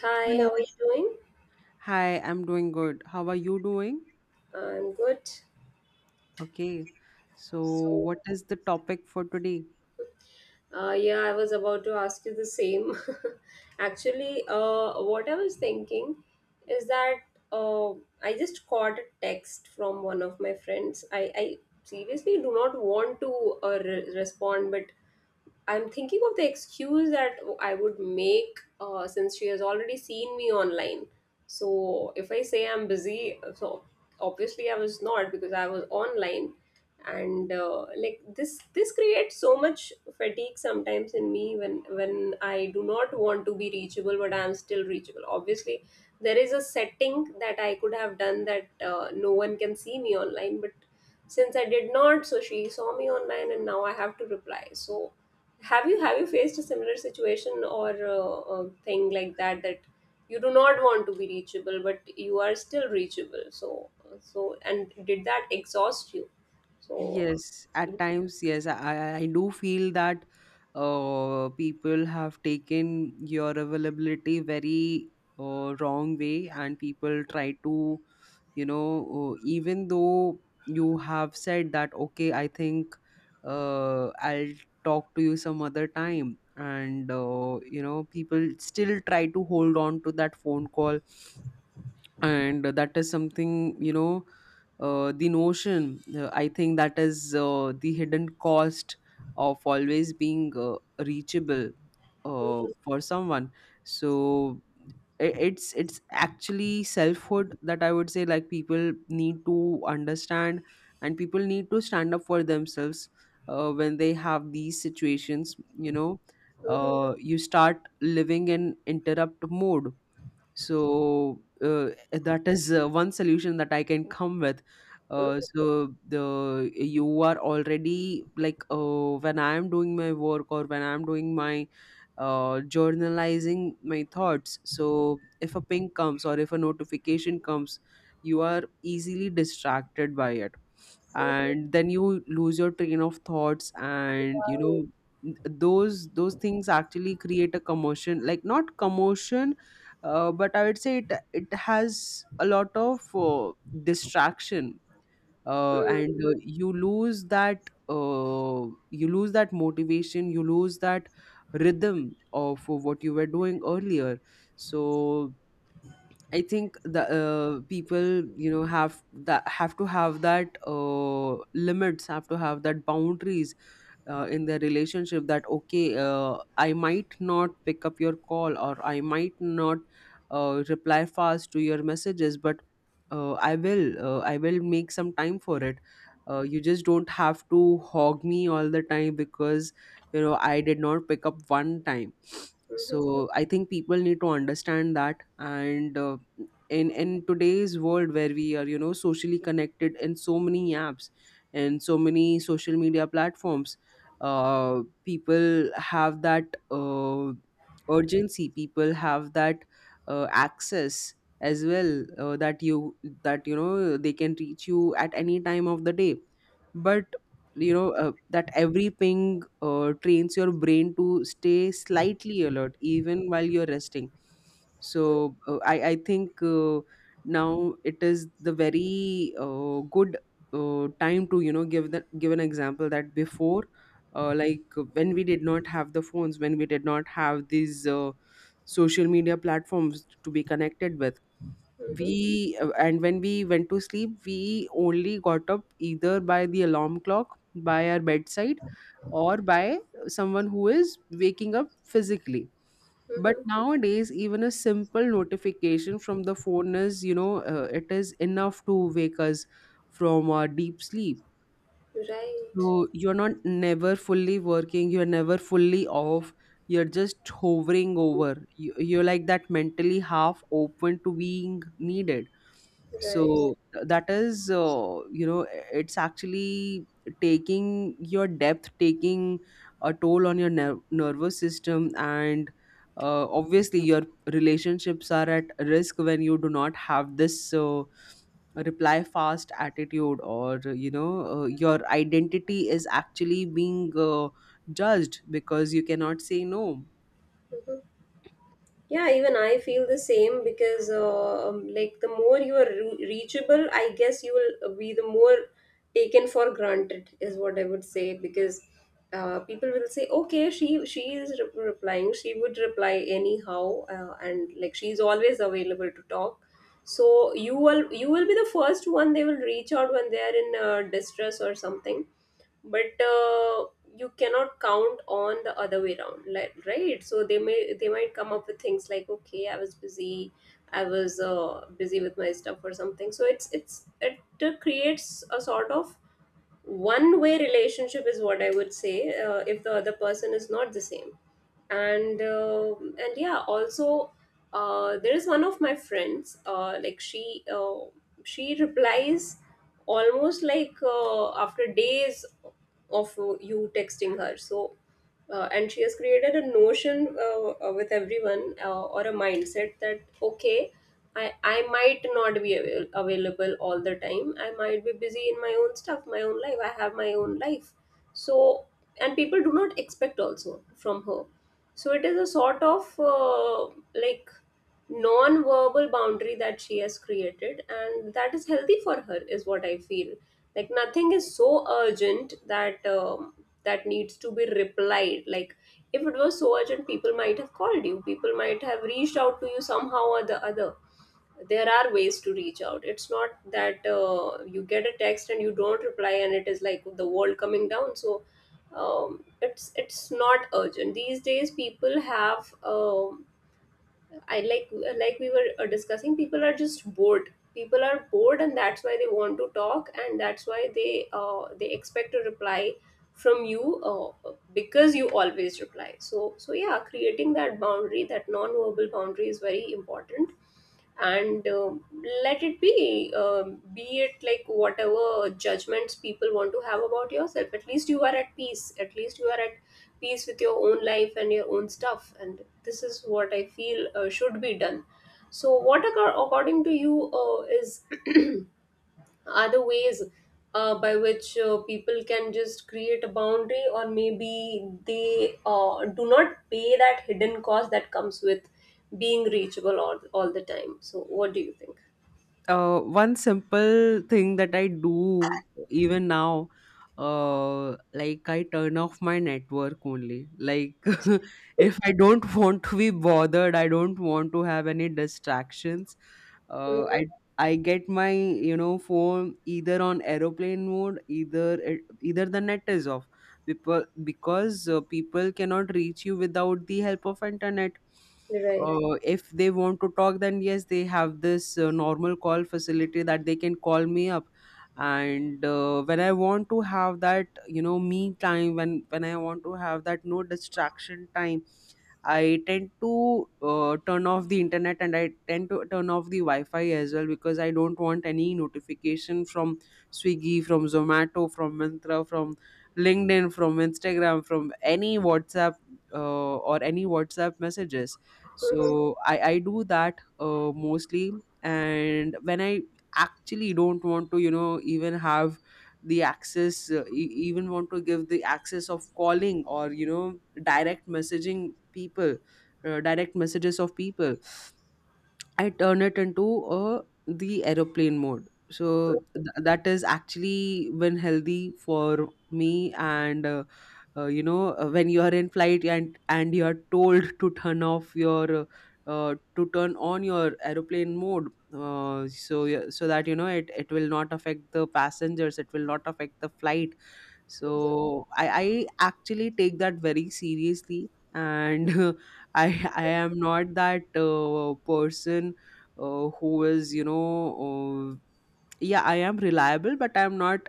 Hi, Hello. how are you doing? Hi, I'm doing good. How are you doing? I'm good. Okay. So, So, what is the topic for today? Yeah, I was about to ask you the same. Actually, what I was thinking is that uh, I just got a text from one of my friends. I seriously do not want to respond, but I'm thinking of the excuse that I would make since she has already seen me online. So if I say I'm busy, so obviously I was not because I was online, and like this creates so much fatigue sometimes in me when I do not want to be reachable but I'm still reachable. Obviously, there is a setting that I could have done that no one can see me online, but since I did not, so she saw me online and now I have to reply. So have you faced a similar situation or a thing like that you do not want to be reachable but you are still reachable, so and did that exhaust you so? Yes, at times, yes, I do feel that people have taken your availability very wrong way, and people try to you know even though you have said that okay, I think, I'll talk to you some other time, and people still try to hold on to that phone call. And that is something, you know, the notion, I think that is the hidden cost of always being reachable, for someone. So it's actually selfhood, that I would say, like people need to understand. And people need to stand up for themselves when they have these situations. you know you start living in interrupt mode. So that is one solution that I can come with. So the you are already like, when I am doing my work, or when I am doing my journalizing my thoughts, so if a ping comes or if a notification comes, you are easily distracted by it. And then you lose your train of thoughts. And those things actually create a commotion, like not commotion, but I would say it has a lot of distraction, uh, and Mhm, uh, you lose that, you lose that motivation, you lose that rhythm of what you were doing earlier. So I think the people have to have that limits, have to have that boundaries in their relationship, that okay, I might not pick up your call, or I might not reply fast to your messages, but I will make some time for it. You just don't have to hog me all the time, because, you know, I did not pick up one time. mhm, mhm. So I think people need to understand that. And in today's world where we are, you know, socially connected in so many apps and so many social media platforms, people have that urgency, people have that access as well, that, you know, they can reach you at any time of the day. But, you know, that every ping trains your brain to stay slightly alert even while you're resting. Right. So I think, now it is the very good time to, you know, give an example that before, like when we did not have the phones, when we did not have these social media platforms to be connected with. Mhm, mhm, mhm, We uh, and when we went to sleep, we only got up either by the alarm clock by our bedside, or by someone who is waking up physically. mhm, But mhm. nowadays, even a simple notification from the phone is, it is enough to wake us from our deep sleep. Right, So you're not never fully working, you're never fully off, you're just hovering over. You're like that, mentally half open to being needed. right. So that is, it's actually taking your depth, taking a toll on your nervous system. And obviously, your relationships are at risk when you do not have this. Uh, reply fast attitude, or your identity is actually being judged, because you cannot say no. Mhm. Yeah, even I feel the same because, like, the more you are reachable, I guess you will be the more taken for granted, is what I would say. Because people will say, "Okay, she is replying. She would reply anyhow, and like she's always available to talk." So you will be the first one they will reach out when they are in distress or something, but you cannot count on the other way around, like, right, so they may they might come up with things like, okay, I was busy, I was busy with my stuff or something, so it creates a sort of one way relationship is what I would say, if the other person is not the same. And and yeah, also there is one of my friends, like she, she replies almost like after days of you texting her. So and she has created a notion with everyone, or a mindset that, okay, I might not be available all the time, I might be busy in my own stuff, my own life, I have my own life. So and people do not expect also from her, so it is a sort of like non-verbal boundary that she has created, and that is healthy for her is what I feel. Like, nothing is so urgent that that needs to be replied, like if it was so urgent people might have called you, people might have reached out to you somehow or the other. There are ways to reach out. It's not that you get a text and you don't reply and it is like the world coming down. So it's not urgent these days, people have, I like we were discussing, people are just bored. People are bored, and that's why they want to talk, and that's why they, they expect a reply from you, because you always reply. So, so yeah, creating that boundary, that non-verbal boundary, is very important. And let it be, be it like whatever judgments people want to have about yourself, at least you are at peace, at least you are at peace with your own life and your own stuff, and this is what I feel should be done. So what, according to you, is are the ways by which people can just create a boundary, or maybe they do not pay that hidden cost that comes with being reachable all the time? So what do you think? One simple thing that I do even now, like I turn off my network only. Like if I don't want to be bothered, I don't want to have any distractions. Uh, Mhm. I I get my, phone either on aeroplane mode, either the net is off. People because people cannot reach you without the help of internet. Right. If they want to talk, then yes, they have this normal call facility that they can call me up. And when I want to have that, you know, me time, when I want to have that no distraction time, I tend to turn off the internet, and I tend to turn off the Wi-Fi as well, because I don't want any notification from Swiggy, from Zomato, from Myntra, from LinkedIn, from Instagram, from any WhatsApp, or any WhatsApp messages. Mhm. So I do that mostly, and when I actually don't want to, you know, even have the access, even want to give the access of calling, or, you know, direct messaging people, direct messages of people, I turn it into the aeroplane mode. So that is actually been healthy for me. And, you know, when you are in flight, and you are told to turn off your, to turn on your aeroplane mode, so that, you know, it will not affect the passengers. It will not affect the flight. Mhm. So I actually take that very seriously, and I am not that person, who is, uh, yeah, I am reliable, but I'm not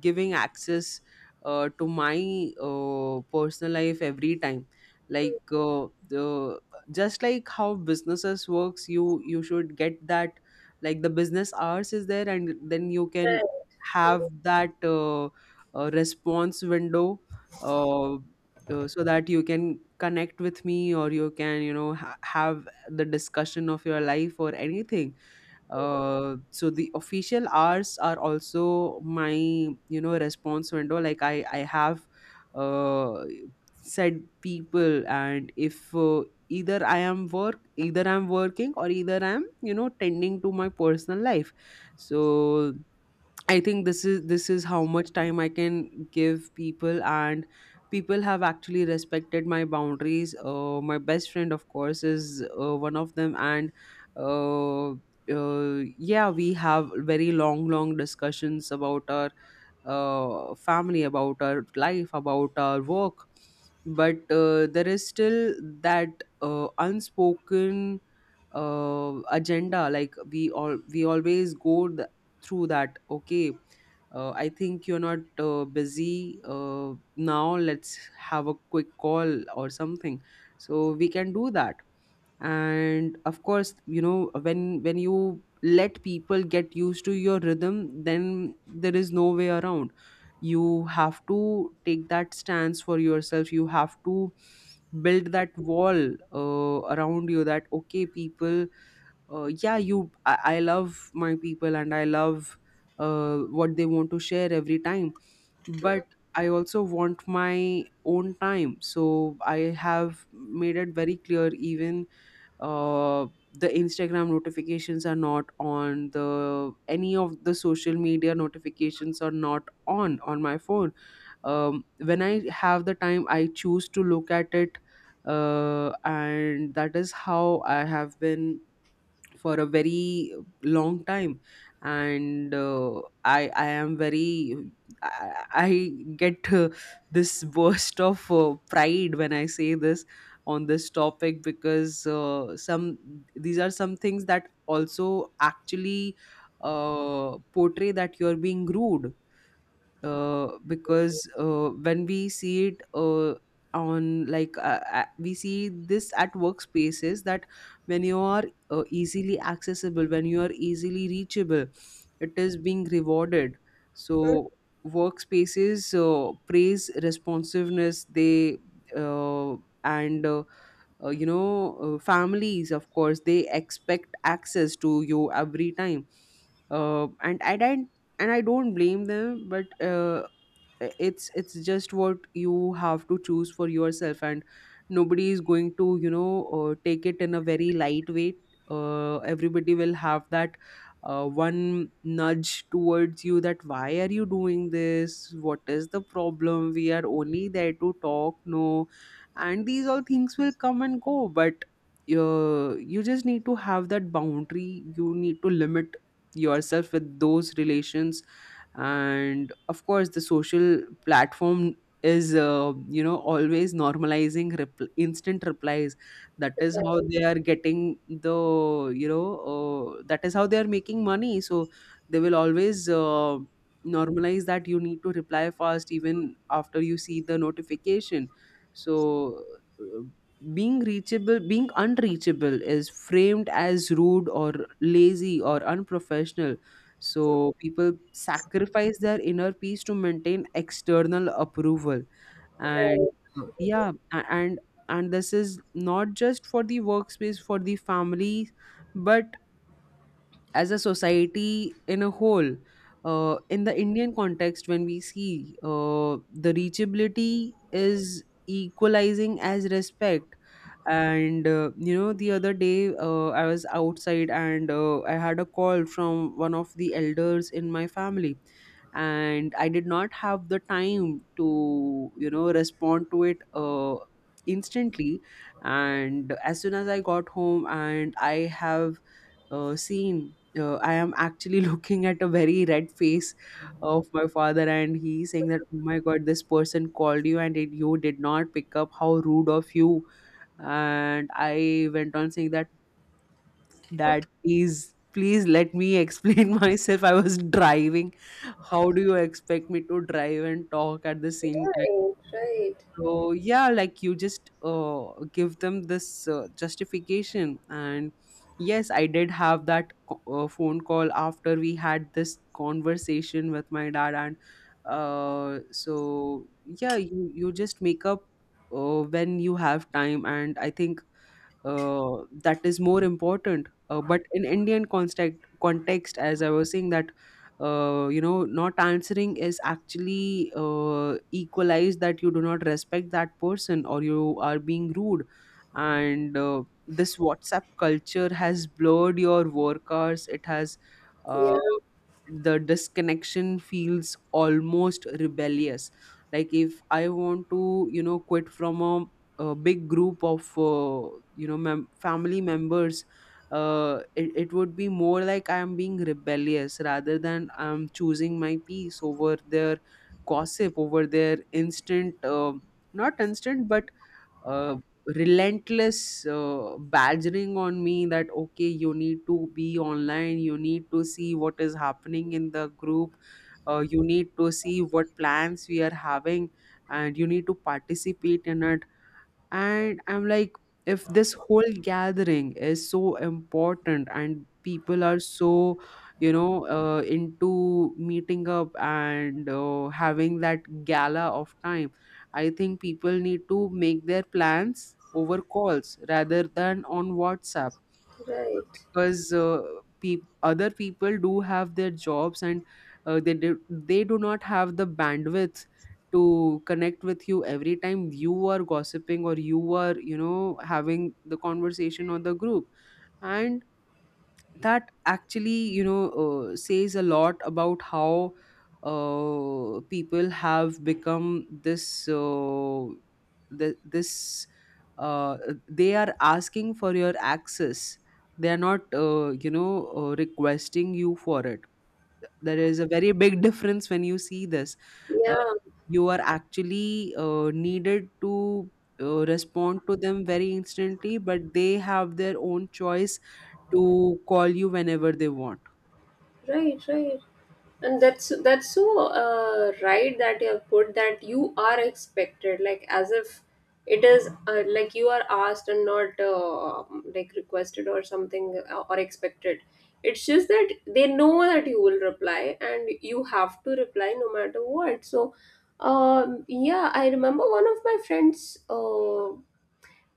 giving access to my personal life every time. Like the just like how businesses works, you should get that. Like the business hours is there, and then you can Right. have Mhm. that, response window, uh, so that you can connect with me, or you can, you know, have the discussion of your life or anything. So the official hours are also my, response window. Like I have uh, said people, and if either I'm working, or either I'm, you know, tending to my personal life, so I think this is how much time I can give people, and people have actually respected my boundaries. My best friend, of course, is one of them. And, uh, yeah, we have very long, long discussions about our family, about our life, about our work, but there is still that unspoken agenda. Like we always go through that, okay, I think you're not busy now. Let's have a quick call or something. So we can do that. And of course, you know, when you let people get used to your rhythm, then there is no way around. You have to take that stance for yourself. You have to build that wall around you, that okay people, yeah, I love my people, and I love what they want to share every time, but Mhm. I also want my own time. So I have made it very clear, even uh, the Instagram notifications are not on, the any of the social media notifications are not on my phone. When I have the time, I choose to look at it. And that is how I have been for a very long time. And i I am very, I get this burst of pride when I say this on this topic, because some these are some things that also actually portray that you're being rude, because when we see it, on like we see this at workspaces, that when you are easily accessible, when you are easily reachable, it is being rewarded. Mhm. So workspaces praise responsiveness. They uh, and Families, of course, they expect access to you every time, uh, and i don't and I don't blame them, but it's just what you have to choose for yourself, and nobody is going to, take it in a very lightweight. Everybody will have that one nudge towards you, that, why are you doing this? What is the problem? We are only there to talk, no? And these all things will come and go, but you just need to have that boundary, you need to limit yourself with those relations. And of course, the social platform is, you know, always normalizing instant replies. That is how Right, they are getting the, that is how they are making money. So they will always normalize that you need to reply fast, even after you see the notification. So uh, being reachable, being unreachable is framed as rude or lazy or unprofessional. So people sacrifice their inner peace to maintain external approval. And right. Yeah, and this is not just for the workspace, for the family, but as a society in a whole, in the Indian context, when we see, the reachability is equalizing as respect. And you know, the other day, I was outside, and I had a call from one of the elders in my family And I did not have the time to respond to it instantly. And as soon as I got home and I have seen. I am actually looking at a very red face of my father, and he saying that, "Oh my God, this person called you, and you did not pick up. How rude of you!" And I went on saying that, "Dad, please, please let me explain myself. I was driving. How do you expect me to drive and talk at the same time?" Mhm. Right, right. So yeah, like you just give them this justification, and yes, I did have that phone call after we had this conversation with my dad, and so yeah, you just make up when you have time, and I think that is more important. But in Indian context, as I was saying, that you know not answering is actually equalized that you do not respect that person or you are being rude. And this WhatsApp culture has blurred your work hours. It has Yeah, uh the disconnection feels almost rebellious. Like if I want to quit from a big group of family members, it would be more like I am being rebellious rather than I'm choosing my peace over their gossip, over their instant not instant, but uh, relentless badgering on me that okay, you need to be online, you need to see what is happening in the group, you need to see what plans we are having, and you need to participate in it. And I'm like, if this whole gathering is so important and people are so into meeting up and having that gala of time, I think people need to make their plans over calls rather than on WhatsApp. right. Because peop other people do have their jobs and they do not have the bandwidth to connect with you every time you are gossiping or you are having the conversation on the group. And that actually says a lot about how people have become this this uh, they are asking for your access, they are not requesting you for it. There is a very big difference when you see this. uh, Yeah, you are actually needed to respond to them very instantly, but they have their own choice to call you whenever they want. right, right. And that's so right that you have put, that you are expected, like as if it is, like you are asked and not, like requested or something, or expected. It's just that they know that you will reply and you have to reply no matter what. So, yeah, I remember one of my friends.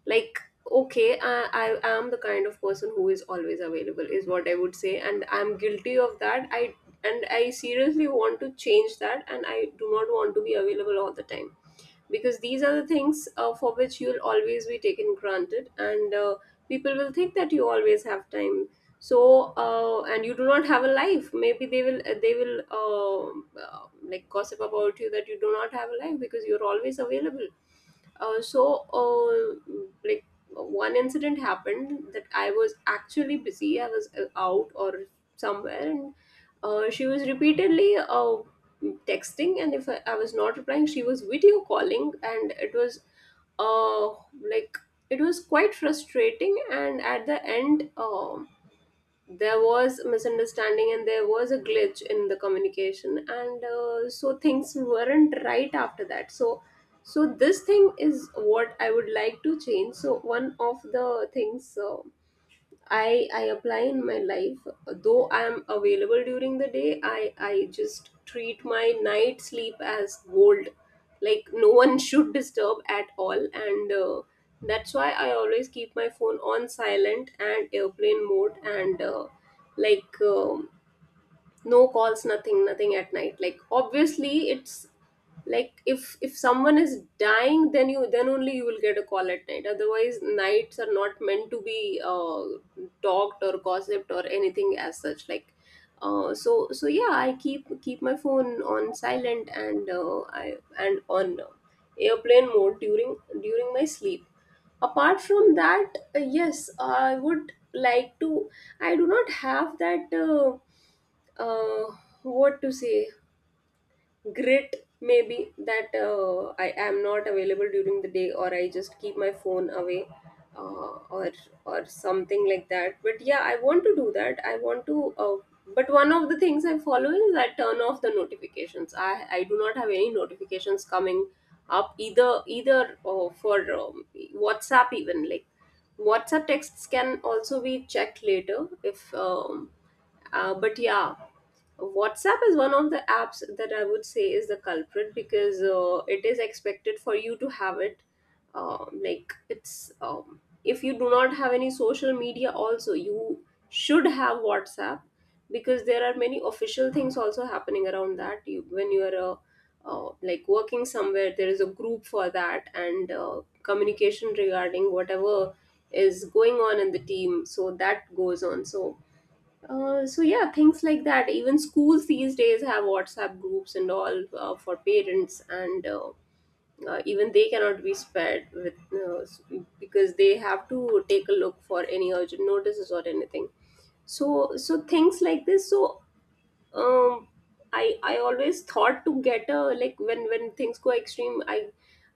Like okay, I am the kind of person who is always available is what I would say, and I'm guilty of that, I, and I seriously want to change that and I do not want to be available all the time, because these are the things for which you'll always be taken granted, and people will think that you always have time. So and you do not have a life, maybe they will, like, gossip about you that you do not have a life because you're always available. So like one incident happened that I was actually busy, I was out or somewhere, and she was repeatedly texting, and if I was not replying, she was video calling, and it was, uh like, it was quite frustrating, and at the end, there was misunderstanding and there was a glitch in the communication, and so things weren't right after that. So so this thing is what I would like to change. So one of the things I apply in my life: though I am available during the day, I just treat my night sleep as gold. Like, no one should disturb at all, and that's why I always keep my phone on silent and airplane mode and. Like, no calls, nothing at night, like obviously it's like, if someone is dying, then you, then only you will get a call at night, otherwise nights are not meant to be talked or gossiped or anything as such, like so so yeah, I keep my phone on silent, and I, and on airplane mode during my sleep. Apart from that, yes, I would like to, I do not have that, uh, what to say, grit maybe, that I am not available during the day, or I just keep my phone away, uh, or or something like that, but yeah, I want to do that, I want to, but one of the things I follow is I turn off the notifications, I do not have any notifications coming up either for WhatsApp, even like WhatsApp texts can also be checked later if, but yeah, WhatsApp is one of the apps that I would say is the culprit because it is expected for you to have it. Like, it's if you do not have any social media, also you should have WhatsApp because there are many official things also happening around that. You, when you are like, working somewhere, there is a group for that, and communication regarding whatever is going on in the team. So that goes on. So so yeah, things like that. Even schools these days have WhatsApp groups and all for parents, and even they cannot be spared with, because they have to take a look for any urgent notices or anything. So so things like this. So um I always thought to get a, like, when things go extreme, i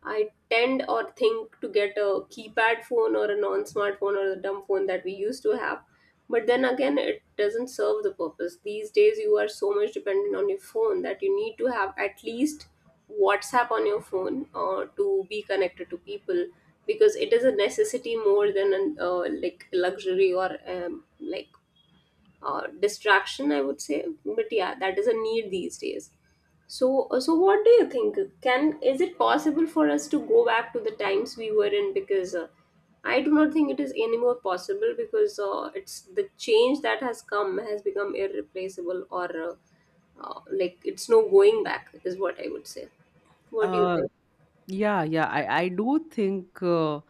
i tend or think to get a keypad phone or a non-smartphone or the dumb phone that we used to have, but then again it doesn't serve the purpose these days, you are so much dependent on your phone that you need to have at least WhatsApp on your phone to be connected to people, because it is a necessity more than an, like, luxury or, like, distraction, I would say, but yeah, that is a need these days. So so what do you think, can, is it possible for us to go back to the times we were in? Because I do not think it is anymore possible, because it's the change that has come has become irreplaceable, or like, it's no going back is what I would say. What do you Uh, think? yeah, yeah, I do think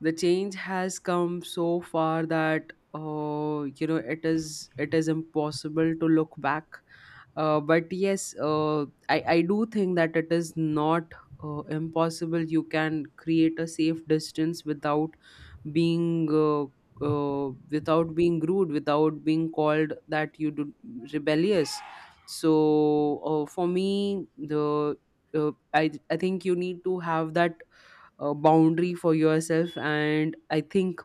the change has come so far that you know it is impossible to look back. But yes, I do think that it is not impossible. You can create a safe distance without being without being rude, without being called that you do rebellious. So for me, the I think you need to have that boundary for yourself. And I think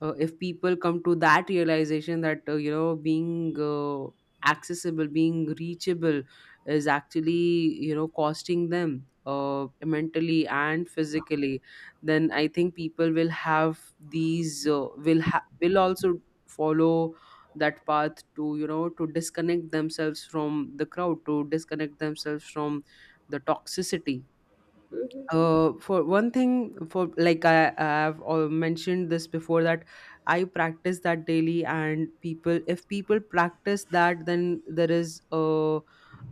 if people come to that realization that you know being accessible, being reachable is actually you know costing them mentally and physically, then I think people will have these will also follow that path to to disconnect themselves from the crowd, to disconnect themselves from the toxicity. Hmm. For one thing, for like I've mentioned this before that I practice that daily, and people, if people practice that, then there is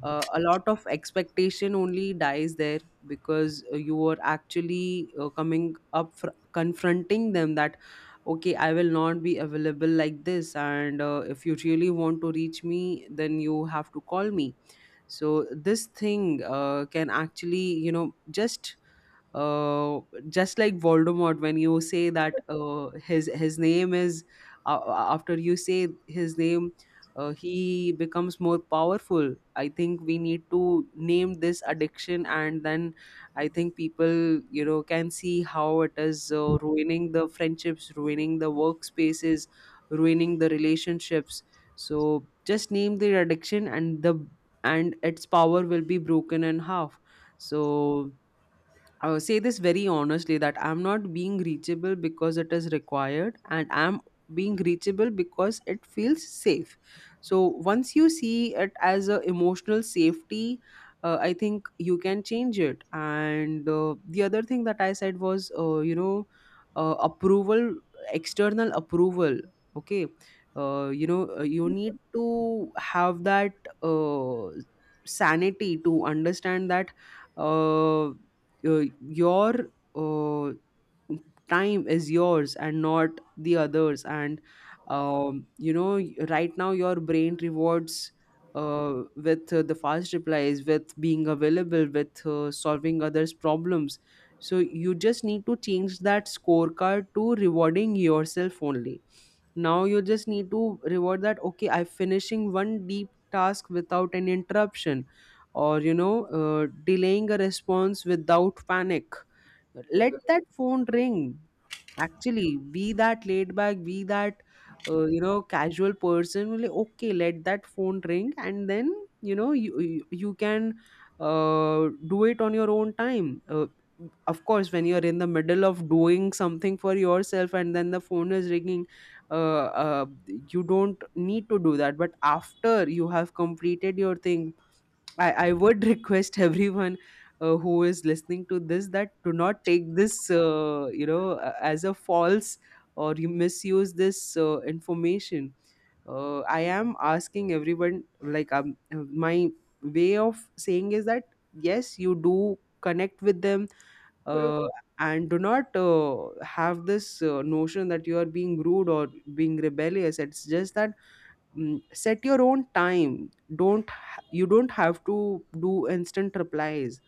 a lot of expectation only dies there. Because you are actually coming up confronting them that okay, I will not be available like this. And if you really want to reach me, then you have to call me. So this thing can actually uh, just like Voldemort, when you say that uh, his name is after you say his name, he becomes more powerful. I think we need to name this addiction, and then I think people can see how it is ruining the friendships, ruining the workspaces, ruining the relationships. So just name the addiction, and the and its power will be broken in half. So say this very honestly, that I'm not being reachable because it is required, and I'm being reachable because it feels safe. So once you see it as a emotional safety, I think you can change it. And the other thing that I said was, approval, external approval. Okay. You need to have that uh, sanity to understand that uh, your uh, time is yours and not the others. And you know right now your brain rewards with the fast replies, with being available, with solving others problems. So you just need to change that scorecard to rewarding yourself only. Now you just need to reward that okay, I'm finishing one deep task without an interruption, or you know delaying a response without panic. Hmm. Let that phone ring. Actually be that laid back, be that casual person will like, okay, let that phone ring. And then you know you can do it on your own time. Of course, when you're in the middle of doing something for yourself and then the phone is ringing, uh, you don't need to do that. But after you have completed your thing, I would request everyone who is listening to this, that do not take this as a false or you misuse this information. I am asking everyone, like my way of saying is that yes, you do connect with them, uh, Hmm. and do not have this notion that you are being rude or being rebellious. It's just that set your own time. Don't ha- You don't have to do instant replies.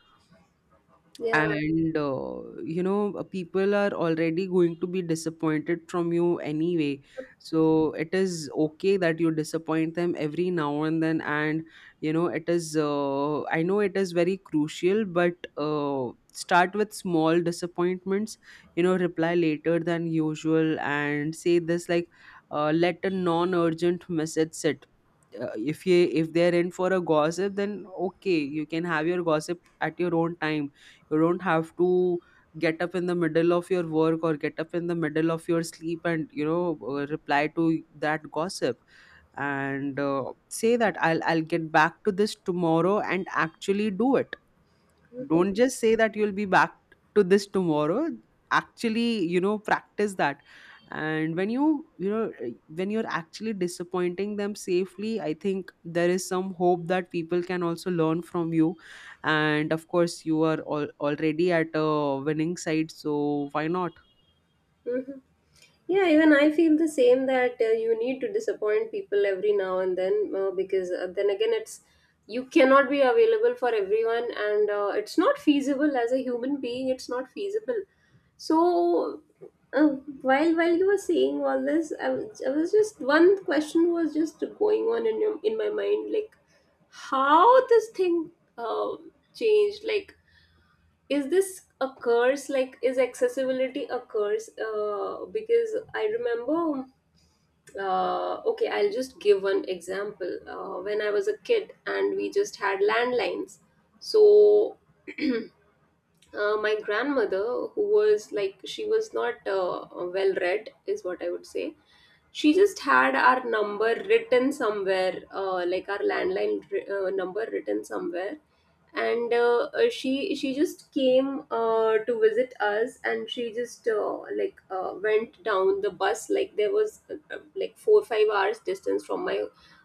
Yeah. And people are already going to be disappointed from you anyway. So it is okay that you disappoint them every now and then. And you know it is I know it is very crucial, but start with small disappointments. You know, reply later than usual and say this like let a non-urgent message sit. If you if they're in for a gossip, then okay, you can have your gossip at your own time. You don't have to get up in the middle of your work or get up in the middle of your sleep and you know reply to that gossip. And say that I'll get back to this tomorrow and actually do it. Don't just say that you'll be back to this tomorrow. Actually you know practice that. And when you know when you're actually disappointing them safely, I think there is some hope that people can also learn from you. And of course you are already at a winning side, so why not. Hmm. Yeah, even I feel the same, that you need to disappoint people every now and then, because then again, it's, you cannot be available for everyone, and it's not feasible as a human being. It's not feasible. So, uh, while you were saying all this, I was just, one question was just going on in your, in my mind, like, how this thing uh, changed, like, is this a curse, like, is accessibility a curse? Because I remember, okay, I'll just give one example. When I was a kid and we just had landlines, so, my grandmother, who was, like, she was not well read is what I would say, she just had our number written somewhere, like, our landline number written somewhere, and she just came to visit us, and she just, like, went down the bus, like there was, like, 4 or 5 hours distance from my,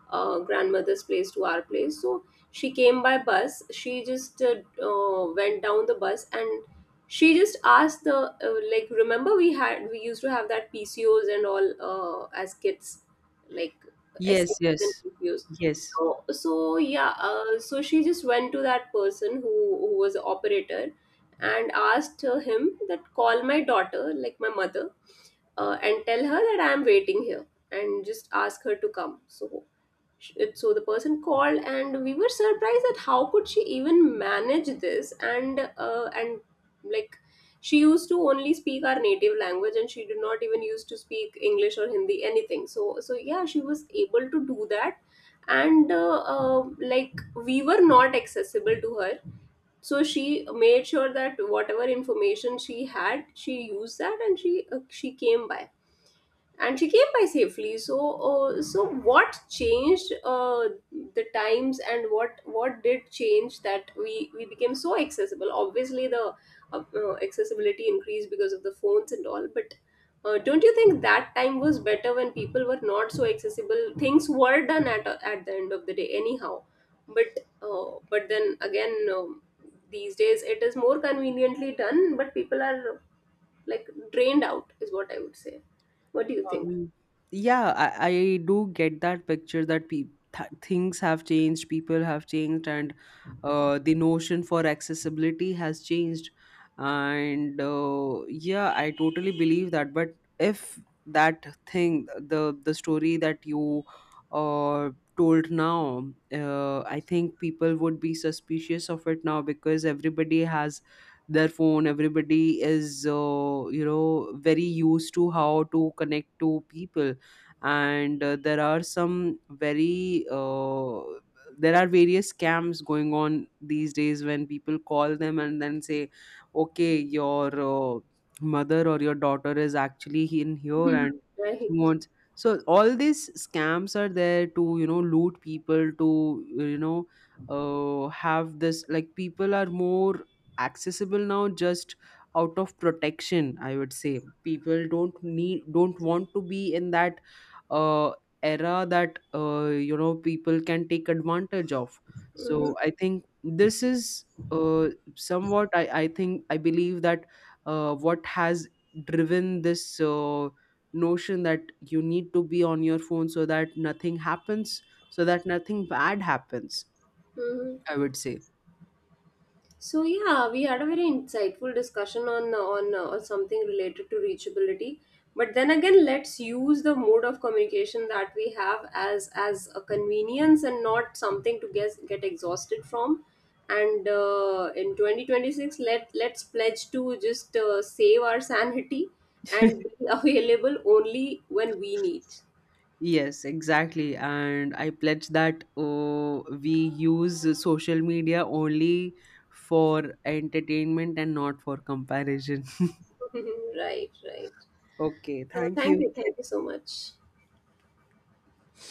grandmother's place to our place, so she came by bus, she just, went down the bus, and she just asked the, like, remember we had we used to have that pcos and all, as kids, like, Yes, yes, STDs and pcos, yes. so so yeah, so she just went to that person who was the operator, and asked him that, call my daughter, like, my mother, and tell her that I'm waiting here, and just ask her to come. So so the person called, and we were surprised at how could she even manage this, and uh, and like, she used to only speak our native language and she did not even used to speak English or Hindi anything, so so yeah, she was able to do that, and like, we were not accessible to her, so she made sure that whatever information she had she used that, and she came by, and she came by safely. So so what changed the times, and what did change that we became so accessible? Obviously the accessibility increased because of the phones and all, but don't you think that time was better when people were not so accessible? Things were done at the end of the day anyhow, but then again, these days it is more conveniently done, but people are like drained out is what I would say. What do you think? Um, yeah, I do get that picture that things have changed, people have changed, and the notion for accessibility has changed. And yeah, I totally believe that. But if that thing, the story that you uh, told now, I think people would be suspicious of it now, because everybody has their phone, everybody is very used to how to connect to people. And there are some very there are various scams going on these days, when people call them and then say okay, your mother or your daughter is actually in here Mhm. and she Right. wants. So all these scams are there to you know loot people, to have this like people are more accessible now just out of protection. I would say people don't want to be in that uh, era that you know people can take advantage of. Mm-hmm. So I think this is uh, somewhat I think I believe that what has driven this notion that you need to be on your phone so that nothing happens, so that nothing bad happens, Mm-hmm. I would say. So yeah, we had a very insightful discussion on something related to reachability. But then again, let's use the mode of communication that we have as a convenience and not something to get exhausted from. And in 2026, let's pledge to just save our sanity and be available only when we need. Yes, exactly. And I pledge that we use social media only for entertainment and not for comparison. Right, right. Okay, So thank you. Thank you so much.